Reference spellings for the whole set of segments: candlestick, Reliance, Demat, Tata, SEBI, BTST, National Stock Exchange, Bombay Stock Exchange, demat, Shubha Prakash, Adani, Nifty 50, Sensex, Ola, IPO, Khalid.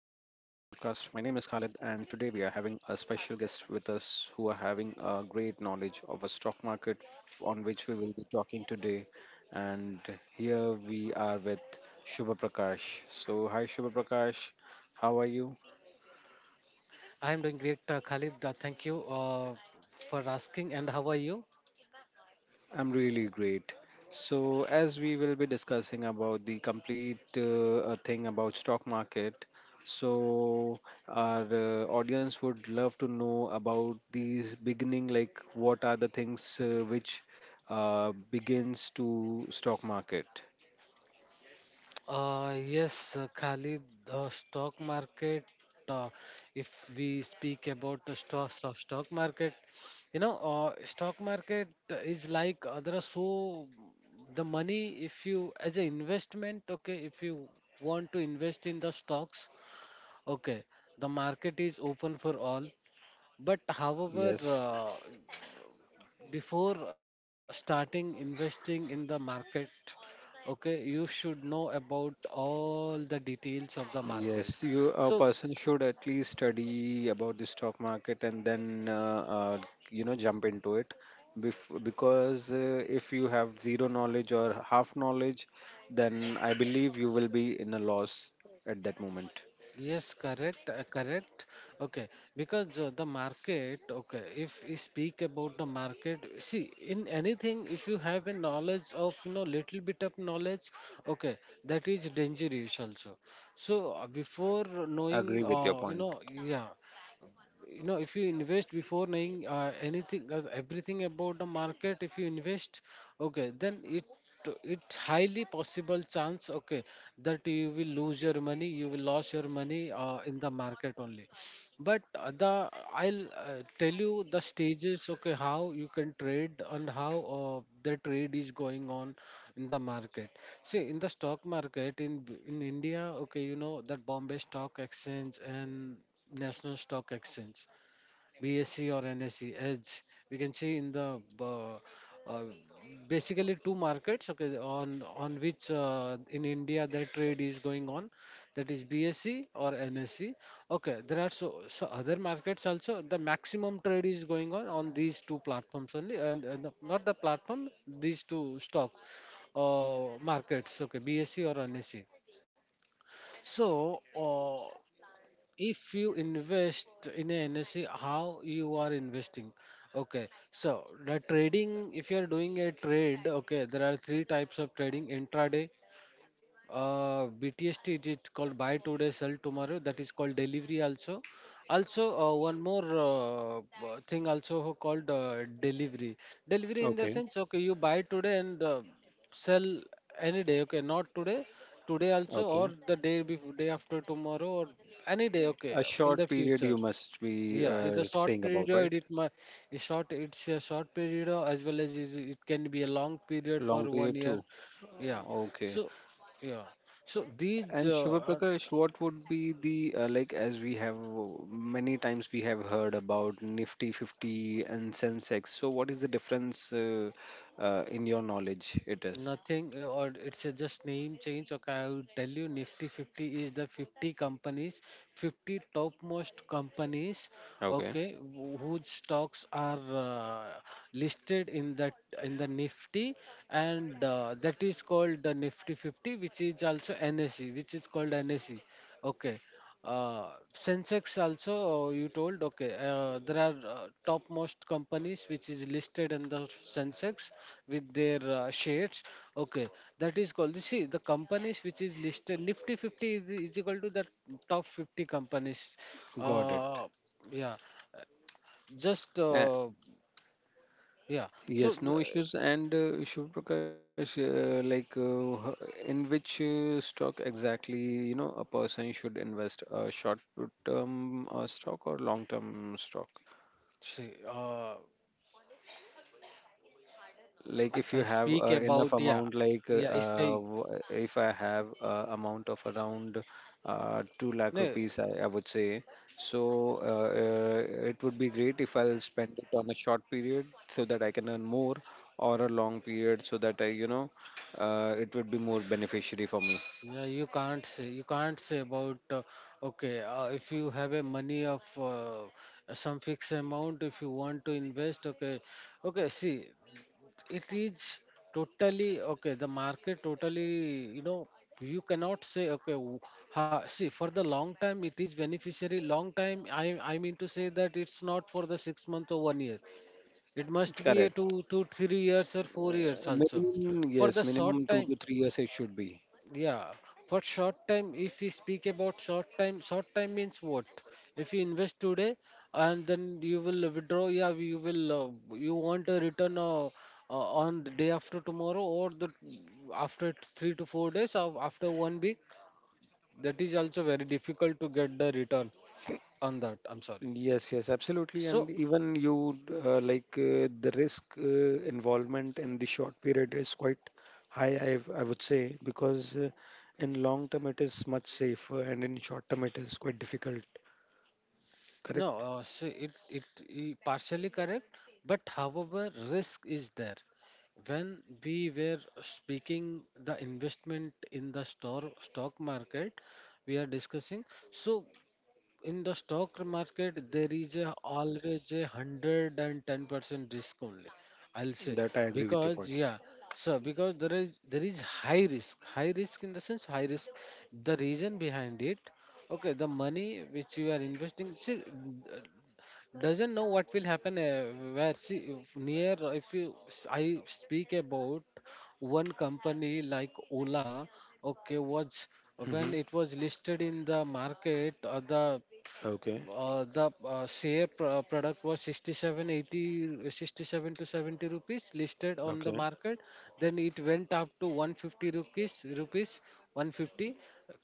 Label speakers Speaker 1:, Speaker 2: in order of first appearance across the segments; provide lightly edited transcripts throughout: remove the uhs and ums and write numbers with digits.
Speaker 1: Khalid, and today we are having a special guest with us who are having a great knowledge of a stock market on which we will be talking today. And here we are with Shubha Prakash. So, hi Shubha Prakash, how are you?
Speaker 2: I am doing great, Khalid. Thank you for asking. And how are you?
Speaker 1: I'm really great. So, as we will be discussing about the complete thing about stock market, so our audience would love to know about these beginning, like what are the things which begins to stock market.
Speaker 2: Yes, Khalid, the stock market. Uh, if we speak about the stock market, stock market is like there are so the money. If you as an investment, okay, if you want to invest in the stocks, okay, the market is open for all. But however,
Speaker 1: Yes.
Speaker 2: before starting investing in the market, okay, you should know about all the details of the market.
Speaker 1: Yes, you a
Speaker 2: So,
Speaker 1: person should at least study about the stock market and then you know jump into it because if you have zero knowledge or half knowledge, then I believe you will be in a loss at that moment.
Speaker 2: yes, correct, okay, because the market, okay, if we speak about the market, see, in anything, if you have a knowledge of, little bit of knowledge, okay, that is dangerous also. So, before knowing
Speaker 1: Agree with your
Speaker 2: uh, you
Speaker 1: point.
Speaker 2: know Yeah. If you invest before knowing anything, everything about the market, if you invest, okay, then it's highly possible chance, okay, that you will lose your money, you will lose your money in the market only. But the I'll tell you the stages, okay, how you can trade and how the trade is going on in the market. See, in the stock market, in India, okay, you know that Bombay Stock Exchange and National Stock Exchange, BSc or NSc edge. We can see in the uh, basically two markets. Okay, on which in India the trade is going on, that is BSc or NSc. Okay, there are so other markets also. The maximum trade is going on these two platforms only, and not the platform, these two stock markets. Okay, BSc or NSc. So, if you invest in a NSE, how you are investing? Okay, so the trading, if you are doing a trade, okay, there are three types of trading: intraday, BTST, it is called buy today sell tomorrow, that is called delivery also. Also one more thing also called delivery. Delivery in the
Speaker 1: Okay,
Speaker 2: sense, okay, you buy today and sell any day, okay, not today, today also, or
Speaker 1: okay.
Speaker 2: the day before, day after tomorrow, or any day, okay,
Speaker 1: A
Speaker 2: in the
Speaker 1: short period
Speaker 2: future.
Speaker 1: you must be
Speaker 2: Yeah, it's a short
Speaker 1: saying about, right?
Speaker 2: period. It's short. It's a short period as well as it can be a long period for
Speaker 1: Long
Speaker 2: one
Speaker 1: period
Speaker 2: year.
Speaker 1: too.
Speaker 2: Yeah.
Speaker 1: Okay.
Speaker 2: So, yeah. So these
Speaker 1: And Shubha Prakash, what would be the like as we have many times we have heard about Nifty 50 and Sensex. So what is the difference in your knowledge? It is
Speaker 2: nothing, or it's a just name change. Okay, I'll tell you Nifty 50 is the 50 companies, 50 topmost companies,
Speaker 1: okay.
Speaker 2: okay, whose stocks are listed in that in the Nifty, and that is called the Nifty 50, which is also NSE, which is called NSE. Okay, Sensex also, you told, okay, there are topmost companies which is listed in the Sensex with their shares. Okay, that is called, see, the companies which is listed, Nifty 50 is equal to the top 50 companies.
Speaker 1: Got it.
Speaker 2: Uh, yeah, just,
Speaker 1: Uh,
Speaker 2: uh, yeah. So,
Speaker 1: yes, no issues. And Shubha Prakash, in which stock exactly you know a person should invest a short term stock or long term stock?
Speaker 2: see,
Speaker 1: Like if
Speaker 2: if
Speaker 1: you
Speaker 2: I
Speaker 1: have
Speaker 2: speak
Speaker 1: enough
Speaker 2: about, yeah,
Speaker 1: amount like uh,
Speaker 2: yeah,
Speaker 1: uh, w- if I have amount of around 2 lakh
Speaker 2: no,
Speaker 1: rupees I would say, so it would be great if I'll spend it on a short period so that I can earn more, or a long period so that I you know it would be more beneficiary for me.
Speaker 2: yeah, you can't say about okay, if you have a money of some fixed amount, if you want to invest, okay, see, it is totally okay, the market totally, you know, you cannot say, okay, ha, see, for the long time it is beneficiary, long time, I mean to say that it's not for the 6 month or one year, it must be a two
Speaker 1: Correct,
Speaker 2: two three years or 4 years also.
Speaker 1: minimum,
Speaker 2: For
Speaker 1: yes,
Speaker 2: the
Speaker 1: minimum
Speaker 2: short
Speaker 1: 2
Speaker 2: time,
Speaker 1: to 3 years it should be.
Speaker 2: yeah, for short time, if we speak about short time means what? If you invest today and then you will withdraw, yeah, you will, you want a return on the day after tomorrow, or the 3 to 4 days, or after one week, that is also very difficult to get the return on that. I'm sorry.
Speaker 1: Yes, yes, absolutely. And
Speaker 2: So,
Speaker 1: even you like the risk involvement in the short period is quite high, I would say, because in long term it is much safer, and in short term it is quite difficult,
Speaker 2: no,
Speaker 1: correct?
Speaker 2: see, it partially correct, but however, risk is there. When we were speaking the investment in the store stock market, we are discussing. So, in the stock market there is always a 110% risk only, I'll say.
Speaker 1: That I agree with your
Speaker 2: Because,
Speaker 1: point.
Speaker 2: yeah, so, because there is high risk, high risk in the sense high risk, the reason behind it, okay, the money which you are investing, see, doesn't know what will happen, where, see, if you I speak about one company like Ola, okay, was,
Speaker 1: Mm-hmm.
Speaker 2: when it was listed in the market, or the
Speaker 1: Okay,
Speaker 2: share product was 67 80, 67 to 70 rupees listed on the
Speaker 1: okay.
Speaker 2: market. Then it went up to 150 rupees, 150.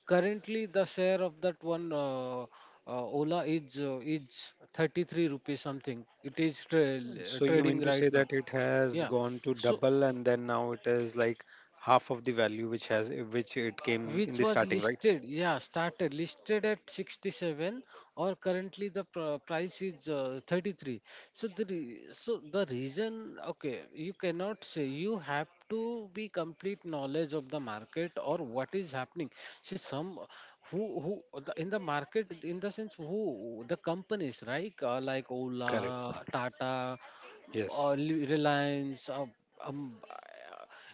Speaker 2: Currently, the share of that one Ola is 33 rupees, something it is
Speaker 1: So you
Speaker 2: trading
Speaker 1: mean to
Speaker 2: right
Speaker 1: say
Speaker 2: now.
Speaker 1: that it has
Speaker 2: Yeah,
Speaker 1: gone to
Speaker 2: so
Speaker 1: double and then now it is like half of the value which has which it came in
Speaker 2: which
Speaker 1: the
Speaker 2: was
Speaker 1: starting, right?
Speaker 2: listed, yeah, started listed at 67, or currently the price is 33. So, the reason, okay, you cannot say, you have to be complete knowledge of the market or what is happening. See, some in the market, in the sense, who the companies, right, like
Speaker 1: Correct.
Speaker 2: Ola, Tata, or
Speaker 1: Yes.
Speaker 2: Reliance, um, uh,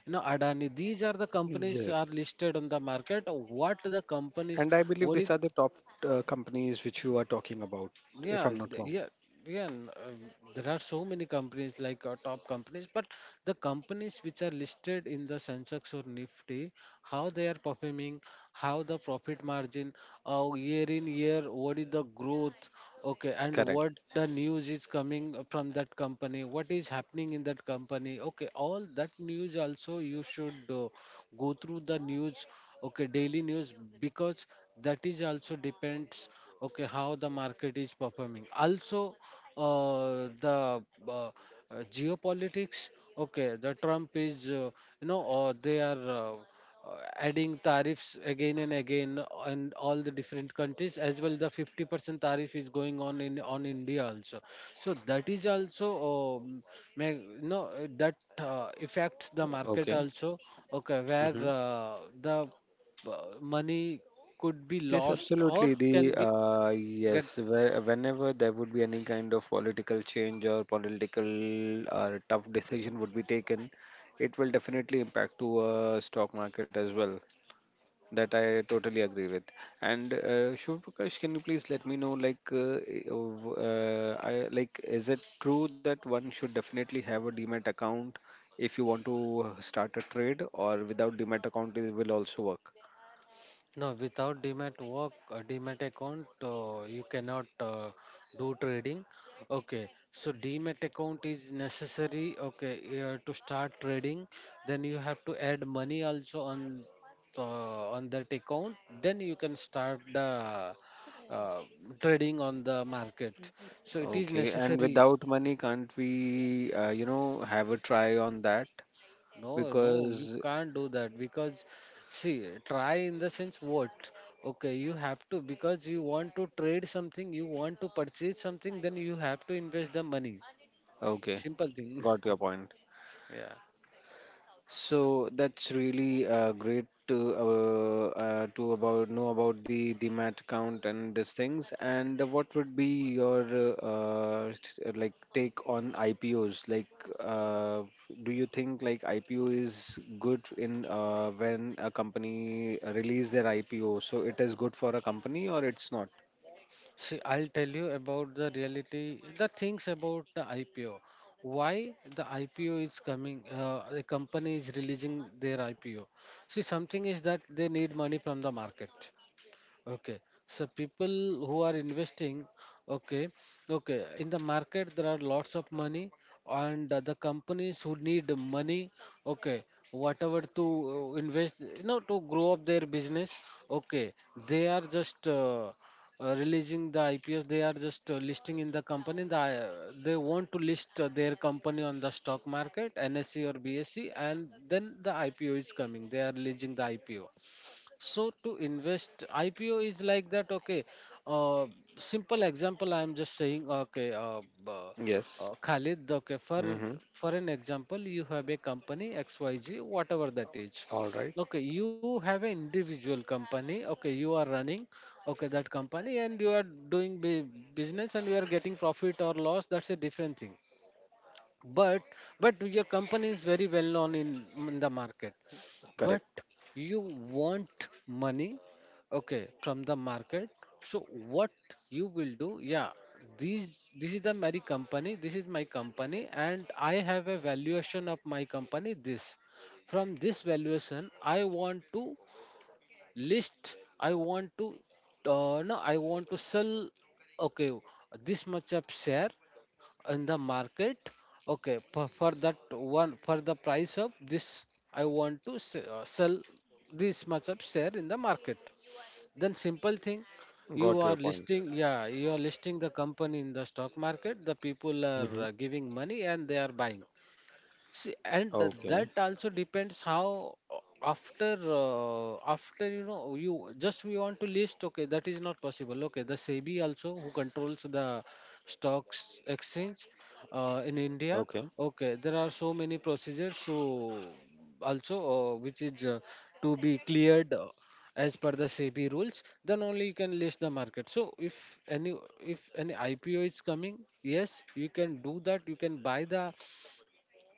Speaker 2: you know, Adani. These are the companies are
Speaker 1: Yes.
Speaker 2: listed on the market. What the companies?
Speaker 1: And I believe
Speaker 2: What is
Speaker 1: these are the top companies which you are talking about, if
Speaker 2: yeah,
Speaker 1: I'm not wrong.
Speaker 2: yeah, yeah. There are so many companies like top companies, but the companies which are listed in the Sensex or Nifty, how they are performing, how the profit margin, year in year, what is the growth, okay, and what
Speaker 1: Correct.
Speaker 2: the news is coming from that company, what is happening in that company, okay, all that news also you should go through the news, okay, daily news, because that is also depends, okay, how the market is performing also, the uh, uh, geopolitics. Okay, the Trump is, or they are adding tariffs again and again on all the different countries, as well the 50% tariff is going on in on India also. So, that is also may, no that affects the market
Speaker 1: Okay.
Speaker 2: also. Okay, where
Speaker 1: Hmm.
Speaker 2: the money could be
Speaker 1: Yes,
Speaker 2: lost or
Speaker 1: absolutely.
Speaker 2: can
Speaker 1: The
Speaker 2: be get.
Speaker 1: yes, where, whenever there would be any kind of political change or political tough decision would be taken, it will definitely impact to stock market as well. That I totally agree with. And Shiv Prakash, can you please let me know, like, I, like, is it true that one should definitely have a Demat account if you want to start a trade, or without Demat account it will also work?
Speaker 2: No, without demat work, demat account, you cannot do trading, okay, so demat account is necessary, okay, to start trading. Then you have to add money also on on that account, then you can start the uh, trading on the market, so it is
Speaker 1: Okay, and
Speaker 2: necessary.
Speaker 1: without money, can't we, you know, have a try on that?
Speaker 2: No, no, you
Speaker 1: Because,
Speaker 2: can't do that because, see, try in the sense what? Okay, you have to, because you want to trade something, you want to purchase something, then you have to invest the money.
Speaker 1: okay,
Speaker 2: Simple thing.
Speaker 1: got your point.
Speaker 2: Yeah.
Speaker 1: So that's really great to about know about the demat account and these things. And what would be your like take on IPOs? Like, uh, do you think like IPO is good in when a company release their IPO? So it is good for a company or it's not?
Speaker 2: See, I'll tell you about the reality, the things about the IPO. Why the IPO is coming? The company is releasing their IPO. See, something is that they need money from the market. Okay, so people who are investing, okay, okay, in the market there are lots of money, and the companies who need money, okay, whatever to invest, you know, to grow up their business, okay, they are just releasing the IPOs, they are just listing in the company. They want to list their company on the stock market, NSE or BSE, and then the IPO is coming. They are releasing the IPO. So, to invest, IPO is like that. Okay, uh, simple example, I am just saying. Okay,
Speaker 1: Yes.
Speaker 2: Khalid, okay, for
Speaker 1: Mm-hmm.
Speaker 2: for an example, you have a company XYZ, whatever that is.
Speaker 1: All right.
Speaker 2: Okay, you have an individual company. Okay, you are running, okay, that company, and you are doing business, and you are getting profit or loss. That's a different thing, but your company is very well known in the market.
Speaker 1: Correct.
Speaker 2: But you want money, okay, from the market. So what you will do? Yeah, these this is my company, and I have a valuation of my company. This From this valuation I want to list, I want to, no, I want to sell, okay, this much of share in the market. Okay, for that one, for the price of this, I want to sell this much of share in the market. Then simple thing, you
Speaker 1: Got your
Speaker 2: are
Speaker 1: point.
Speaker 2: listing. Yeah, you are listing the company in the stock market. The people are
Speaker 1: Mm-hmm.
Speaker 2: giving money, and they are buying. See, and that also depends how. After after, you just, we want to list, okay, that is not possible. Okay, the SEBI also, who controls the stocks exchange in India.
Speaker 1: Okay.
Speaker 2: Okay, there are so many procedures. So also, which is to be cleared as per the SEBI rules, then only you can list the market. So if any, IPO is coming, yes, you can do that. You can buy the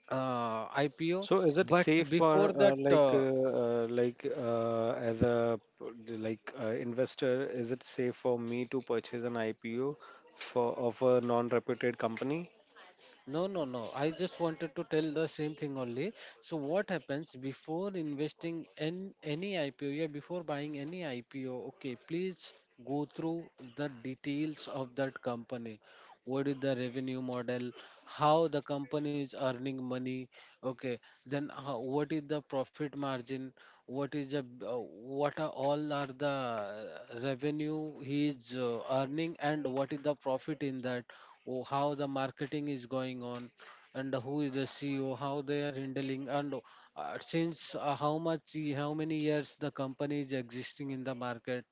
Speaker 2: IPO.
Speaker 1: So is it
Speaker 2: But
Speaker 1: safe
Speaker 2: before
Speaker 1: for
Speaker 2: that,
Speaker 1: as a investor, is it safe for me to purchase an IPO for of a non-reputed company?
Speaker 2: no, no, no, I just wanted to tell the same thing only. So what happens before investing in any IPO? Yeah, before buying any IPO, okay, please go through the details of that company. What is the revenue model? How the company is earning money? Okay, then how, what is the profit margin? What is the what are all are the revenue he is earning, and what is the profit in that? Oh, how the marketing is going on, and who is the CEO? How they are handling, and since how much, how many years the company is existing in the market,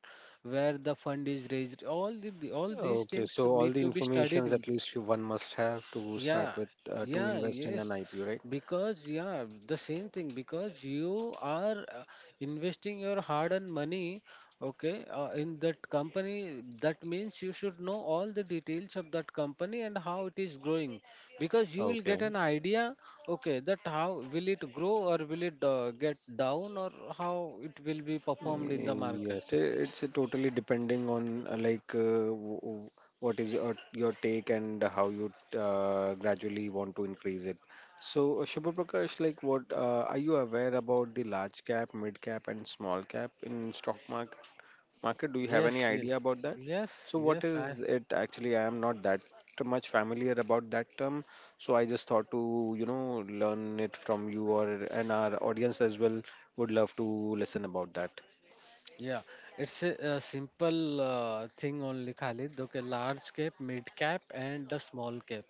Speaker 2: where the fund is raised. All these
Speaker 1: Okay,
Speaker 2: things
Speaker 1: so all
Speaker 2: need
Speaker 1: the
Speaker 2: to be studied.
Speaker 1: informations at least you- one must have to
Speaker 2: Yeah,
Speaker 1: start with to
Speaker 2: yeah,
Speaker 1: invest in an
Speaker 2: yes.
Speaker 1: IPO, right?
Speaker 2: Because, yeah, the same thing, because you are investing your hard-earned money, okay, in that company. That means you should know all the details of that company and how it is growing. Because you will get
Speaker 1: Okay.
Speaker 2: an idea, okay, that how will it grow, or will it get down, or how it will be performed in the market.
Speaker 1: Yes, it's totally depending on what is your take and how you gradually want to increase it. So, Shubha Prakash, like what are you aware about the large cap, mid cap, and small cap in stock market? Market, do you have any
Speaker 2: Yes,
Speaker 1: idea
Speaker 2: yes.
Speaker 1: about that?
Speaker 2: Yes,
Speaker 1: So, what
Speaker 2: yes, I.
Speaker 1: is it actually? I am not that much familiar about that term, so I just thought to, you know, learn it from you or and our audience as well would love to listen about that.
Speaker 2: Yeah, it's a simple thing only, Khalid. Okay, large cap, mid cap, and the small cap.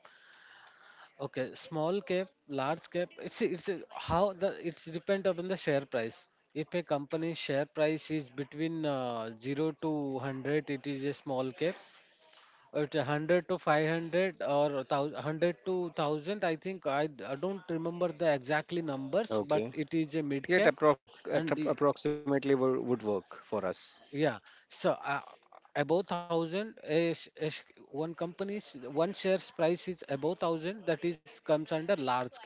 Speaker 2: Okay, small cap, large cap. It's a, how the, it's depend upon the share price. If a company's share price is between zero to hundred, it is a small cap. At 100 to 500 or thousand, hundred to thousand, I think I don't remember the exactly numbers, but
Speaker 1: Okay.
Speaker 2: it is a mid
Speaker 1: Yet
Speaker 2: cap, and the.
Speaker 1: approximately would work for us.
Speaker 2: Yeah. So above thousand is, one company's, one shares price is above thousand. That is comes under large cap.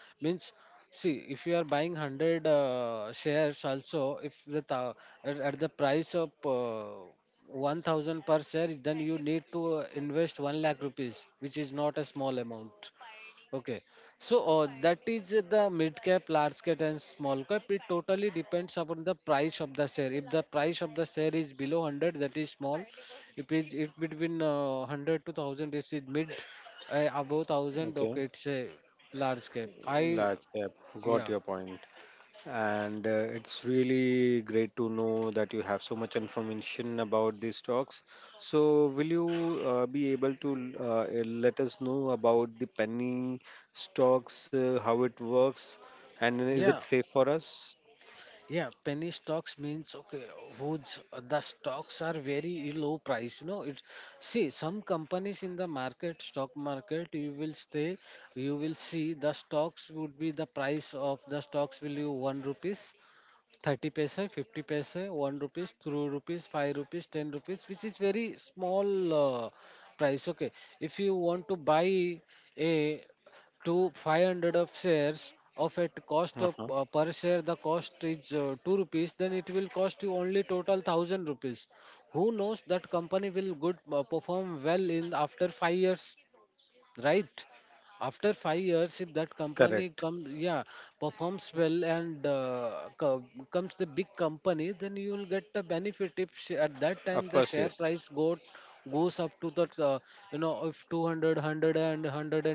Speaker 2: Means, see if you are buying hundred shares also, if the at the price of 1,000 per share, then you need to invest one lakh rupees, which is not a small amount. Okay. So that is the mid cap, large cap, and small cap. It totally depends upon the price of the share. If the price of the share is below 100, that is small. If between 100 to 1,000, it is mid. Above 1,000,
Speaker 1: Okay.
Speaker 2: okay, it's a large cap. I.
Speaker 1: Large cap. Got
Speaker 2: Yeah,
Speaker 1: your point. And it's really great to know that you have so much information about these stocks. So, will you be able to let us know about the penny stocks, how it works, and is
Speaker 2: yeah.
Speaker 1: it safe for us?
Speaker 2: Yeah, penny stocks means, okay, whose, the stocks are very low price. You know, it see, some companies in the market, stock market, you will see, the stocks would be, the price of the stocks will be one rupees, 30 paise, 50 paise, 1 rupees, 2 rupees, 5 rupees, 10 rupees, which is very small uh, price. Okay, if you want to buy a, to 500 of shares, of at cost of
Speaker 1: Uh-huh.
Speaker 2: per share, the cost is 2 rupees, then it will cost you only total 1,000 rupees. Who knows that company will good, perform well in after 5 years, right? After 5 years, if that company
Speaker 1: Correct.
Speaker 2: comes, yeah, performs well, and comes the big company, then you will get the benefit. If at that time
Speaker 1: Of
Speaker 2: the
Speaker 1: course,
Speaker 2: share
Speaker 1: yes.
Speaker 2: price go goes up to the, if 200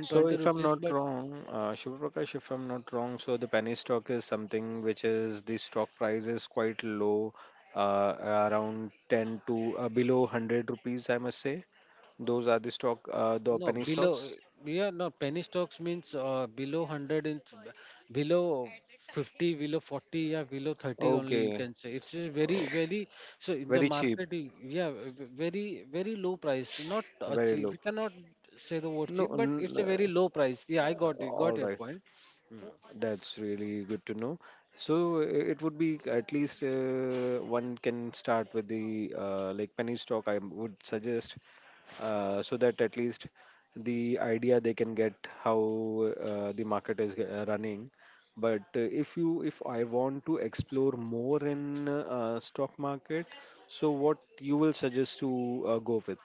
Speaker 1: So, if I'm not
Speaker 2: but.
Speaker 1: wrong, Shiva Prakash, if I'm not wrong, so the penny stock is something which is the stock price is quite low, uh, around 10 to below 100 rupees, I must say. Those are the stock, the
Speaker 2: No,
Speaker 1: penny
Speaker 2: below,
Speaker 1: stocks.
Speaker 2: yeah, no, penny stocks means below 100 in, below 50, below 40, yeah, below 30 only you
Speaker 1: Okay.
Speaker 2: can say. It's a very,
Speaker 1: Oh,
Speaker 2: very. So in the
Speaker 1: very cheap,
Speaker 2: market, yeah, very, very low price. Not
Speaker 1: very
Speaker 2: cheap.
Speaker 1: low.
Speaker 2: We cannot say the word
Speaker 1: No,
Speaker 2: cheap, but
Speaker 1: n-
Speaker 2: it's a very low price. Yeah, I got it, got
Speaker 1: all
Speaker 2: your
Speaker 1: right.
Speaker 2: point. Mm.
Speaker 1: That's really good to know. So it would be at least one can start with the like penny stock, I would suggest, so that at least the idea they can get how the market is running. But if I want to explore more in stock market, so what you will suggest to go with?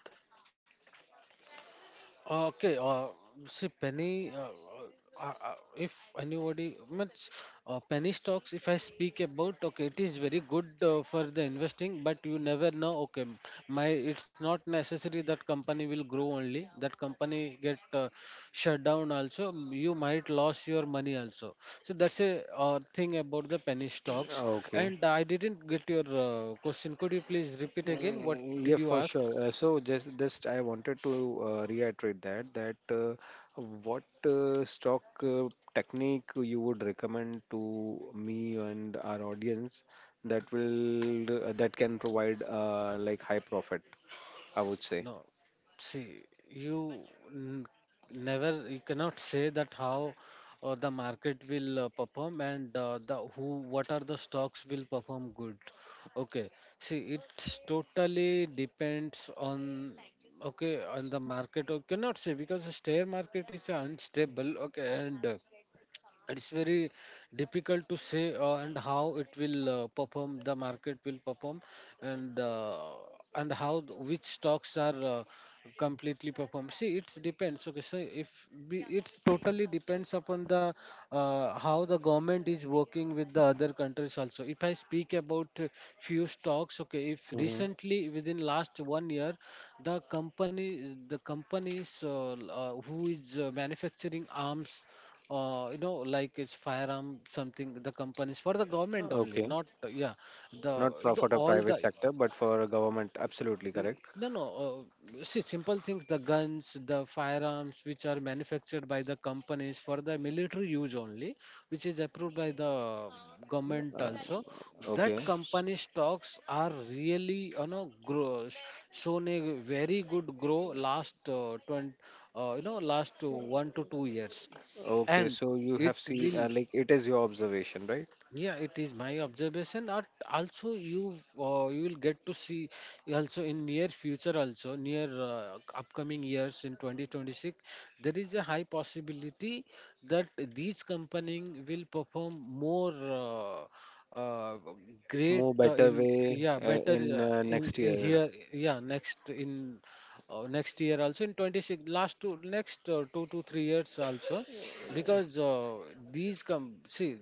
Speaker 2: Okay, see, penny. If anybody means penny stocks, if I speak about, okay, it is very good for the investing, but you never know. Okay, my it's not necessary that company will grow only. That company get shut down also. You might lose your money also. So that's a thing about the penny stocks.
Speaker 1: Okay.
Speaker 2: And I didn't get your question. Could you please repeat again? What did
Speaker 1: Yeah,
Speaker 2: you
Speaker 1: for
Speaker 2: ask?
Speaker 1: sure. So just I wanted to reiterate that what stock technique you would recommend to me and our audience that will that can provide like high profit, I would say.
Speaker 2: No, see, you n- never, you cannot say that how the market will perform and the who, what are the stocks will perform good. Okay, see, it totally depends on, okay, on the market. You cannot say because the share market is unstable. Okay, and it's very difficult to say and how it will perform, the market will perform, and how which stocks are completely perform. See, it depends, okay. So if we, it's totally depends upon the, how the government is working with the other countries also. If I speak about few stocks, okay, if
Speaker 1: Hmm.
Speaker 2: recently within last one year the companies who is manufacturing arms, like it's firearm something, the companies for the government only,
Speaker 1: Okay.
Speaker 2: not. Yeah, the
Speaker 1: Not pro-
Speaker 2: the
Speaker 1: for the
Speaker 2: all
Speaker 1: private
Speaker 2: the,
Speaker 1: sector, but for a government. Absolutely
Speaker 2: y-
Speaker 1: correct.
Speaker 2: no no see simple things, the firearms which are manufactured by the companies for the military use only, which is approved by the government
Speaker 1: Uh,
Speaker 2: also. That
Speaker 1: okay.
Speaker 2: company stocks are really, grow, shown a very good grow last 20, last 1 to 2 years.
Speaker 1: Okay,
Speaker 2: And
Speaker 1: so you
Speaker 2: it
Speaker 1: have seen
Speaker 2: will.
Speaker 1: like it is your observation, right?
Speaker 2: Yeah, it is my observation. Or also, you will get to see also in near future also, near upcoming years in 2026 there is a high possibility that these company will perform more uh, uh, great,
Speaker 1: More better
Speaker 2: in,
Speaker 1: way
Speaker 2: yeah, better.
Speaker 1: in
Speaker 2: In,
Speaker 1: next
Speaker 2: in
Speaker 1: year.
Speaker 2: here, yeah, next in next year also in 26, last two next 2 to 3 years also. Because these come see,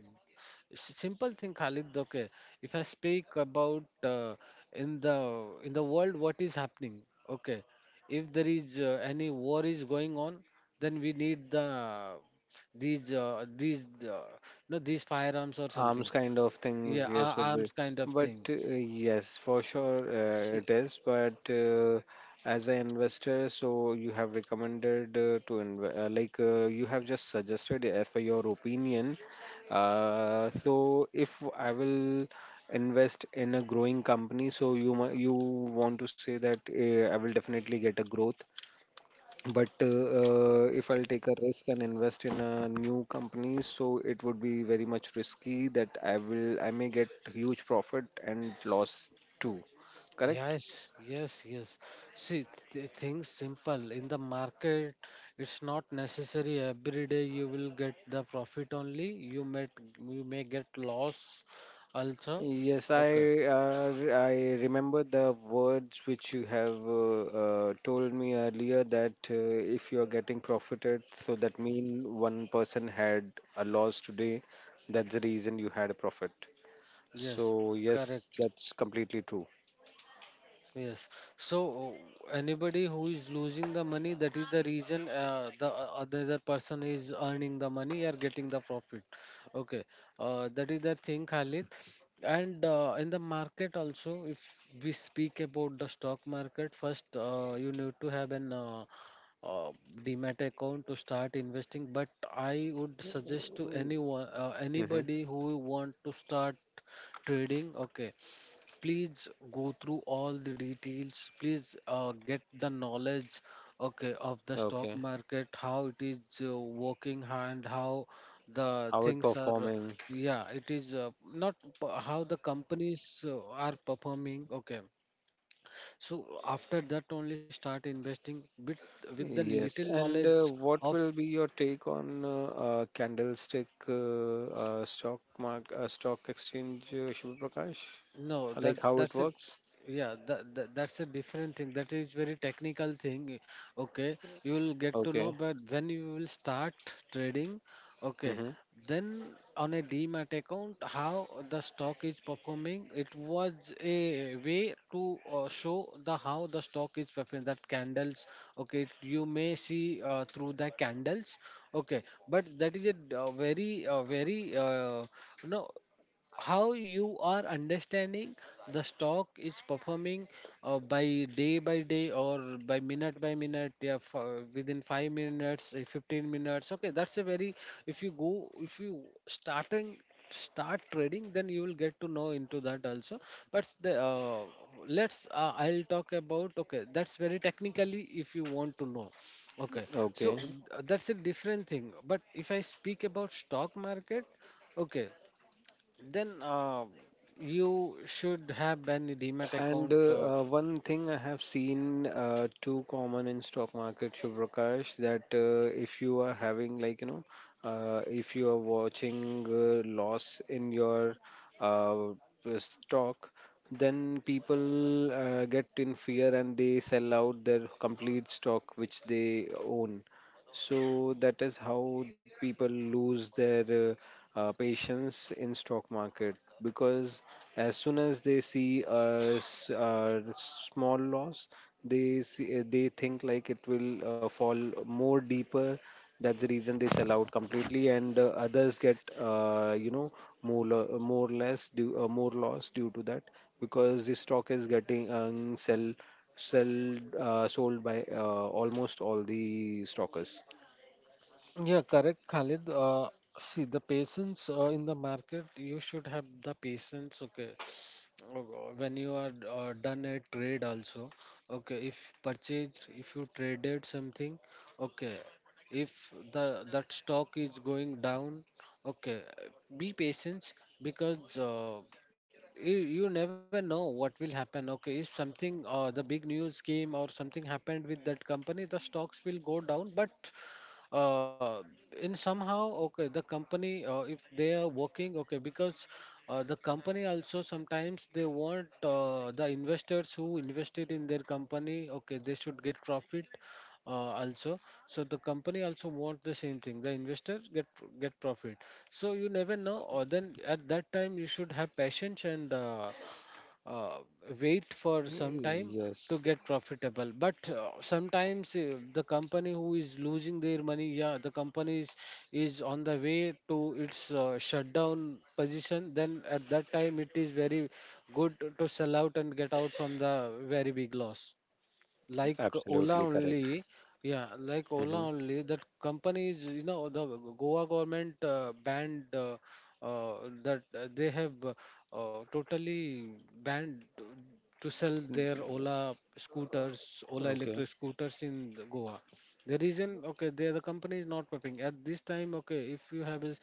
Speaker 2: Simple thing, Khalid. Okay, if I speak about in the in the world, what is happening? Okay, if there is any war is going on, then we need the, these no these firearms or something.
Speaker 1: Arms kind of
Speaker 2: Yeah,
Speaker 1: things, yes, would be.
Speaker 2: arms kind of
Speaker 1: But
Speaker 2: thing.
Speaker 1: yes, for sure it is. But as an investor, so you have recommended to you have just suggested as per your opinion, so if I will invest in a growing company, so you you want to say that I will definitely get a growth. But if I'll take a risk and invest in a new company, so it would be very much risky that I may get huge profit and loss too. Correct?
Speaker 2: Yes, yes, yes. See, things simple. In the market, it's not necessary every day you will get the profit only. You may get loss also.
Speaker 1: Yes,
Speaker 2: Okay.
Speaker 1: I remember the words which you have told me earlier that if you are getting profited, so that mean one person had a loss today. That's the reason you had a profit.
Speaker 2: Yes,
Speaker 1: So yes,
Speaker 2: correct.
Speaker 1: that's completely true.
Speaker 2: Yes. So anybody who is losing the money, that is the reason the other person is earning the money or getting the profit. Okay. That is the thing, Khalid. And in the market also, if we speak about the stock market, first you need to have an uh, demat account to start investing. But I would suggest to anyone,
Speaker 1: Mm-hmm.
Speaker 2: anybody who want to start trading, okay, please go through all the details, please get the knowledge, okay, of the stock
Speaker 1: Okay.
Speaker 2: market, how it is working and how the things are.
Speaker 1: Outperforming,
Speaker 2: Yeah, it is not, how the companies are performing, okay. So after that only start investing with the
Speaker 1: yes.
Speaker 2: little
Speaker 1: And
Speaker 2: knowledge
Speaker 1: what
Speaker 2: of.
Speaker 1: will be your take on candlestick stock exchange, Shubh Prakash?
Speaker 2: No, that,
Speaker 1: Like how it
Speaker 2: that's it.
Speaker 1: works?
Speaker 2: Yeah, that's a different thing. That is very technical thing. Okay, you will get to know,
Speaker 1: Okay.
Speaker 2: but when you will start trading, okay,
Speaker 1: Mm-hmm.
Speaker 2: then on a demat account, how the stock is performing, it was a way to show the, how the stock is performing. That candles, okay, you may see through the candles, okay, but that is a very, very no how you are understanding the stock is performing by day by day, or by minute by minute. Yeah, for within 5 minutes 15 minutes, okay, that's a very. If you starting start trading, then you will get to know into that also. But the, let's I'll talk about, okay, that's very technically if you want to know, okay. So
Speaker 1: Okay.
Speaker 2: that's a different thing. But if I speak about stock market, okay, then you should have an Demat
Speaker 1: And
Speaker 2: account.
Speaker 1: one thing I have seen too common in stock market, Shubhrakash, that if you are having like you know, if you are watching loss in your uh, stock, then people get in fear and they sell out their complete stock which they own. So that is how people lose their patience in stock market, because as soon as they see a, a small loss, they see, they think like it will fall more deeper. That's the reason they sell out completely, and others get more more less due, more loss due to that, because the stock is getting sell sold by almost all the stockers.
Speaker 2: Yeah, correct, Khalid. See, the patience in the market, you should have the patience, okay. Oh God, when you are done a trade also, okay, if you traded something, okay, if the that stock is going down, okay, be patient, because you never know what will happen. Okay, if something, the big news came or something happened with that company, the stocks will go down. But uh, in somehow, okay, the company, if they are working, okay, because the company also sometimes they want the investors who invested in their company, okay, they should get profit also. So the company also want the same thing, the investors get profit. So you never know. Or then at that time you should have patience and uh, wait for some time to
Speaker 1: Yes,
Speaker 2: get profitable. But sometimes the company who is losing their money, yeah, the company is on the way to its shutdown position, then at that time it is very good to sell out and get out from the very big loss. Like Ola
Speaker 1: absolutely correct.
Speaker 2: only, yeah, like Ola
Speaker 1: Hmm.
Speaker 2: only, that companies, you know, the Goa government banned, that they have totally banned to sell their Ola scooters, Ola
Speaker 1: Okay,
Speaker 2: electric scooters in the Goa. The reason, okay, there the company is not preparing at this time. Okay, if you have is,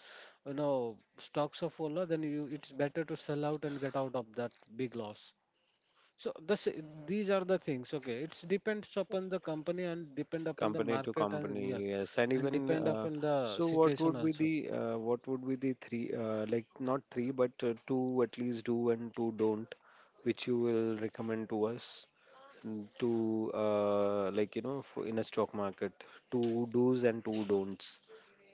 Speaker 2: you know, stocks of Ola, then you it's better to sell out and get out of that big loss. So these are the things. Okay, it's depends upon the company and depend upon the
Speaker 1: company to
Speaker 2: market and, yeah,
Speaker 1: company, yes, and
Speaker 2: and
Speaker 1: even
Speaker 2: depend upon the
Speaker 1: so, what
Speaker 2: situation
Speaker 1: would be
Speaker 2: also.
Speaker 1: the what would be the three not three but two at least do and two don't, which you will recommend to us, mm, to like you know for, in a stock market, two do's and two don'ts,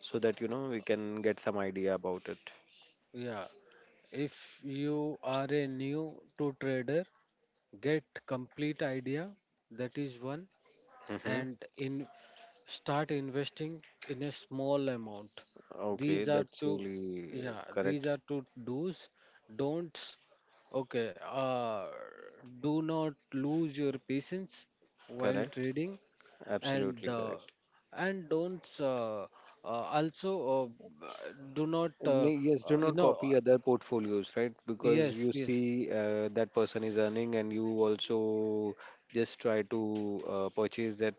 Speaker 1: so that you know we can get some idea about it.
Speaker 2: Yeah, if you are a new to trader, get complete idea. That is one.
Speaker 1: Hmm.
Speaker 2: And in start investing in a small amount. These
Speaker 1: Okay,
Speaker 2: are
Speaker 1: that's
Speaker 2: two.
Speaker 1: really
Speaker 2: Yeah, these
Speaker 1: correct.
Speaker 2: are two do's. Don'ts, okay, do not lose your patience while
Speaker 1: Correct.
Speaker 2: trading. And
Speaker 1: Absolutely correct.
Speaker 2: don't, also, do not,
Speaker 1: Yes, do
Speaker 2: uh, you
Speaker 1: not
Speaker 2: know
Speaker 1: copy
Speaker 2: uh,
Speaker 1: other portfolios, right? Because
Speaker 2: yes,
Speaker 1: you
Speaker 2: yes,
Speaker 1: see that person is earning, and you also just try to purchase that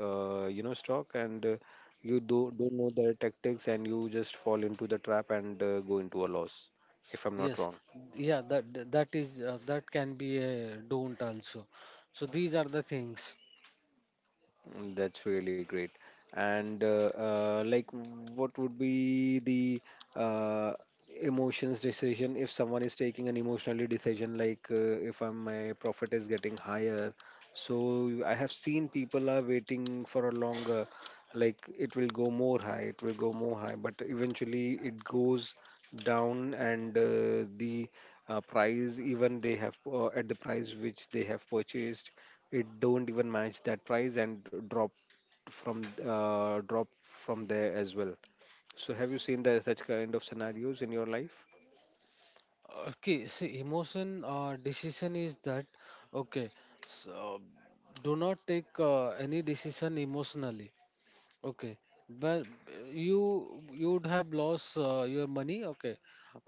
Speaker 1: you know stock, and you do don't know their tactics, and you just fall into the trap and go into a loss, if I'm not
Speaker 2: yes,
Speaker 1: wrong.
Speaker 2: yeah, that can be a don't also. So these are the things.
Speaker 1: Mm, that's really great. And like, what would be the uh, emotions decision if someone is taking an emotionally decision, like if I'm, my profit is getting higher? So I have seen people are waiting for a longer, like it will go more high, it will go more high, but eventually it goes down, and the price even they have at the price which they have purchased it don't even match that price and dropped from drop from there as well. So have you seen the such kind of scenarios in your life?
Speaker 2: Okay, see, emotion, decision is that, okay. So do not take any decision emotionally. Okay, but you you would have lost your money. Okay,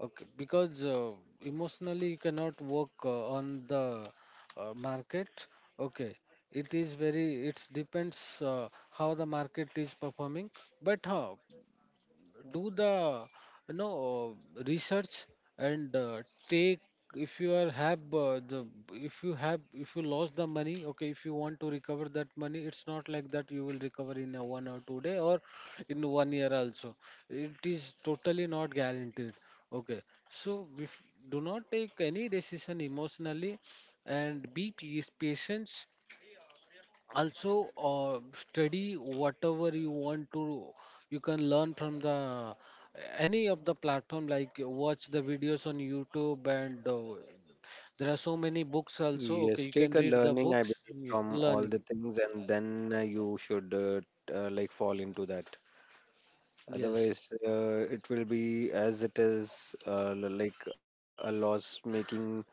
Speaker 2: okay, because emotionally you cannot work on the market. Okay, it is very. It depends uh, how the market is performing. But do the, you know research and take. If you are have, the, if you lost the money, okay, if you want to recover that money, it's not like that you will recover in a 1 or 2 day, or in one year also, it is totally not guaranteed. Okay, so if, do not take any decision emotionally and be peace, patient. Also, study whatever you want to. You can learn from the, any of the platform, like watch the videos on YouTube. And there are so many books also, okay,
Speaker 1: Yes,
Speaker 2: you can
Speaker 1: take a
Speaker 2: read the
Speaker 1: learning, I believe,
Speaker 2: books.
Speaker 1: from all the
Speaker 2: Learning.
Speaker 1: things, and then you should like fall into that.
Speaker 2: Yes,
Speaker 1: Otherwise, it will be as it is, like a loss-making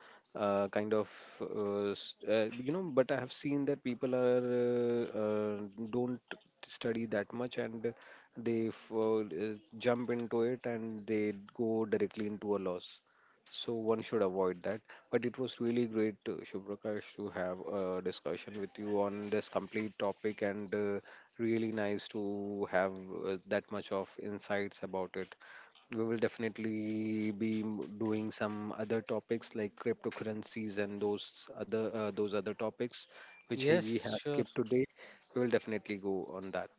Speaker 1: kind of, you know. But I have seen that people are don't study that much and they jump into it and they go directly into a loss, so one should avoid that. But it was really great, Shubhrakash, to have a discussion with you on this complete topic, and really nice to have that much of insights about it. We will definitely be doing some other topics like cryptocurrencies and those other topics which we
Speaker 2: yes,
Speaker 1: have
Speaker 2: sure,
Speaker 1: skipped today. We will definitely go on that.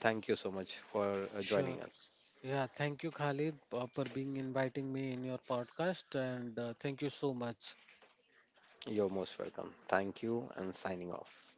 Speaker 1: Thank you so much for
Speaker 2: sure,
Speaker 1: joining us.
Speaker 2: yeah, thank you, Khalid, for being inviting me in your podcast, and thank you so much.
Speaker 1: You're most welcome. Thank you and signing off.